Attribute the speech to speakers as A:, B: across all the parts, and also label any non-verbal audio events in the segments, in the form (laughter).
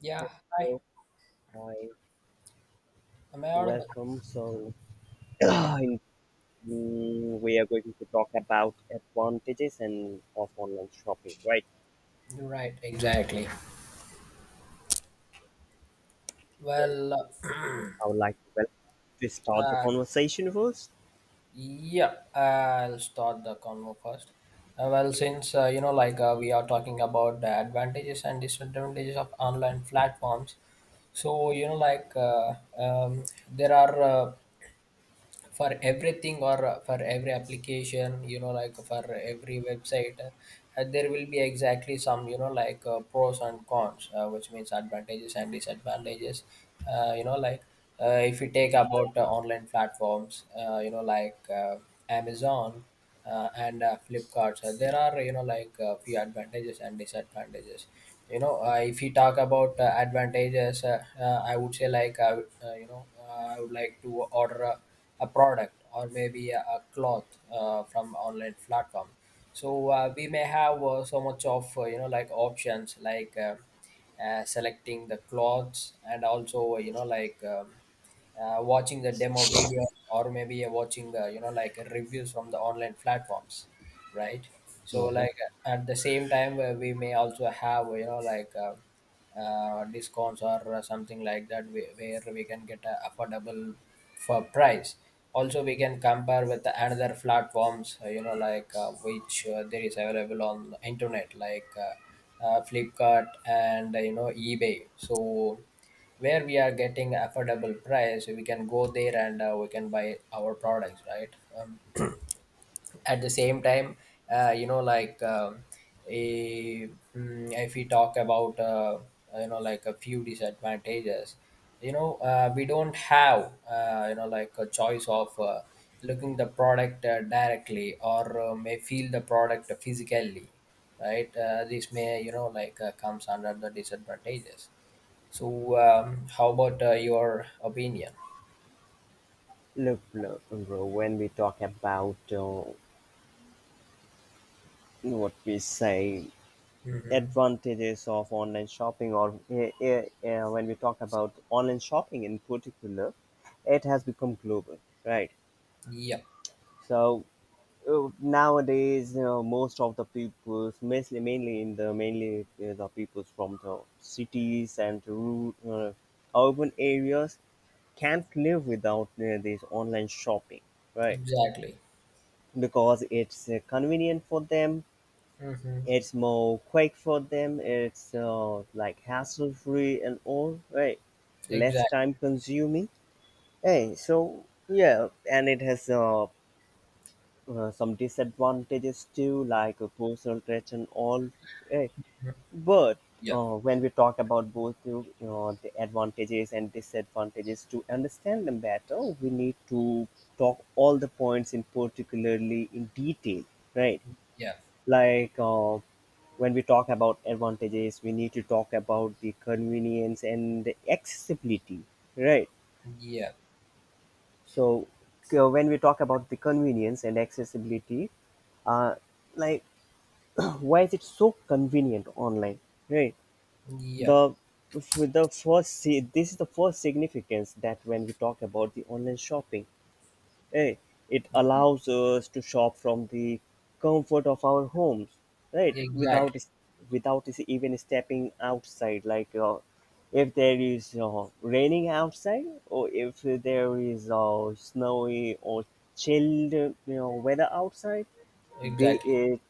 A: Yeah, hi.
B: Hello, hi,
A: Am I audible?
B: welcome. So, (clears throat) in- we are going to talk about advantages and of online shopping, right?
A: Right, exactly.
B: So,
A: Well, uh,
B: I would like to, to
A: (clears throat)
B: start the
A: uh,
B: conversation first.
A: yeah, I'll start the convo first. Well, since we are talking about the advantages and disadvantages of online platforms, so there are for everything or for every application, for every website there will be exactly some, pros and cons, which means advantages and disadvantages. uh, you know like if you take about online platforms, Amazon and Flipkart, so there are, a few advantages and disadvantages. If you talk about advantages, I would say, I would like to order a product or maybe a cloth from online platform. So we may have so much of options, like selecting the clothes, and also watching the demo video, or maybe watching reviews from the online platforms, right? so
B: Uh-huh.
A: like at the same time we may also have discounts or something like that, where we can get a affordable for price. Also we can compare with the another platforms, you know like which there is available on the internet, like Flipkart and, eBay. So where we are getting affordable price, we can go there and we can buy our products, right? um, at the same time, uh, you know like um, if we talk about a few disadvantages, we don't have a choice of looking the product directly, or may feel the product physically, right? This may, comes under the disadvantages. So how about your opinion?
B: Look, look, bro, when we talk about what we say
A: Mm-hmm.
B: advantages of online shopping, or when we talk about online shopping in particular, it has become global, right?
A: Yeah.
B: So nowadays you know, most of the people mainly the people from the cities and rural urban areas can't live without this online shopping, right?
A: Exactly.
B: Because it's convenient for them,
A: Mm-hmm.
B: it's more quick for them, it's like hassle free and all right, less
A: Exactly.
B: time consuming. Hey, so yeah, and it has some disadvantages too, like personal traits and all. eh,
A: Mm-hmm.
B: But
A: Yeah.
B: when we talk about both the, you know, the advantages and disadvantages, to understand them better, we need to talk all the points in particularly in detail, right?
A: Yeah,
B: Like when we talk about advantages, we need to talk about the convenience and the accessibility, right?
A: yeah,
B: So when we talk about the convenience and accessibility, uh, like why is it so convenient online, right?
A: yeah,
B: the the first, see, this is the first significance, that when we talk about the online shopping, right, it allows us to shop from the comfort of our homes, right, without
A: exactly,
B: without is even stepping outside, like if there is raining outside, or if there is snowy or chilled, you know, weather outside, be
A: exactly,
B: it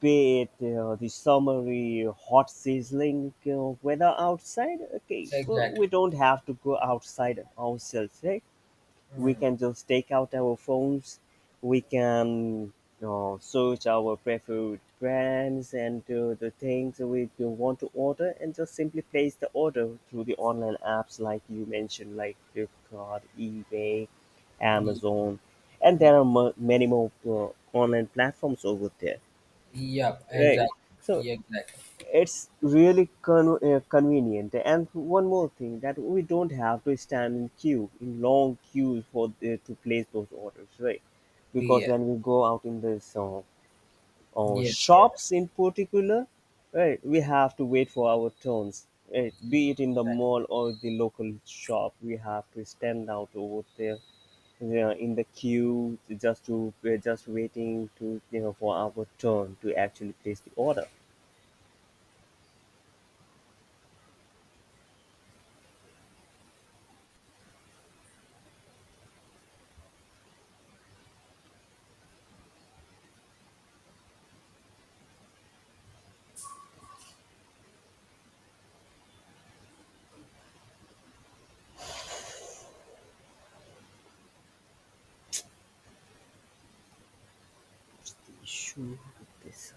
B: be it the summery hot sizzling weather outside. Okay, we
A: exactly.
B: don't have to go outside ourselves, right? We
A: Mm.
B: can just take out our phones, we can search our preferred brands and the things we do want to order, and just simply place the order through the online apps like you mentioned, like flipkart, ebay,
A: Y-
B: amazon, and
A: y-
B: there are many more online platforms over there.
A: yep,
B: Right.
A: exactly.
B: So
A: Yeah, exactly.
B: it's really convenient. And one more thing, that we don't have to stand in queue in long queues for the, to place those orders, right? Because
A: Yeah,
B: when we go out in the
A: yes, yeah, exactly.
B: shops in particular, right, we have to wait for our turns. Right? Be it in the mall or the local shop, we have to stand out over there, yeah, in the queue, just to, we're just waiting to, you know, for our turn to actually place the order. Show desse.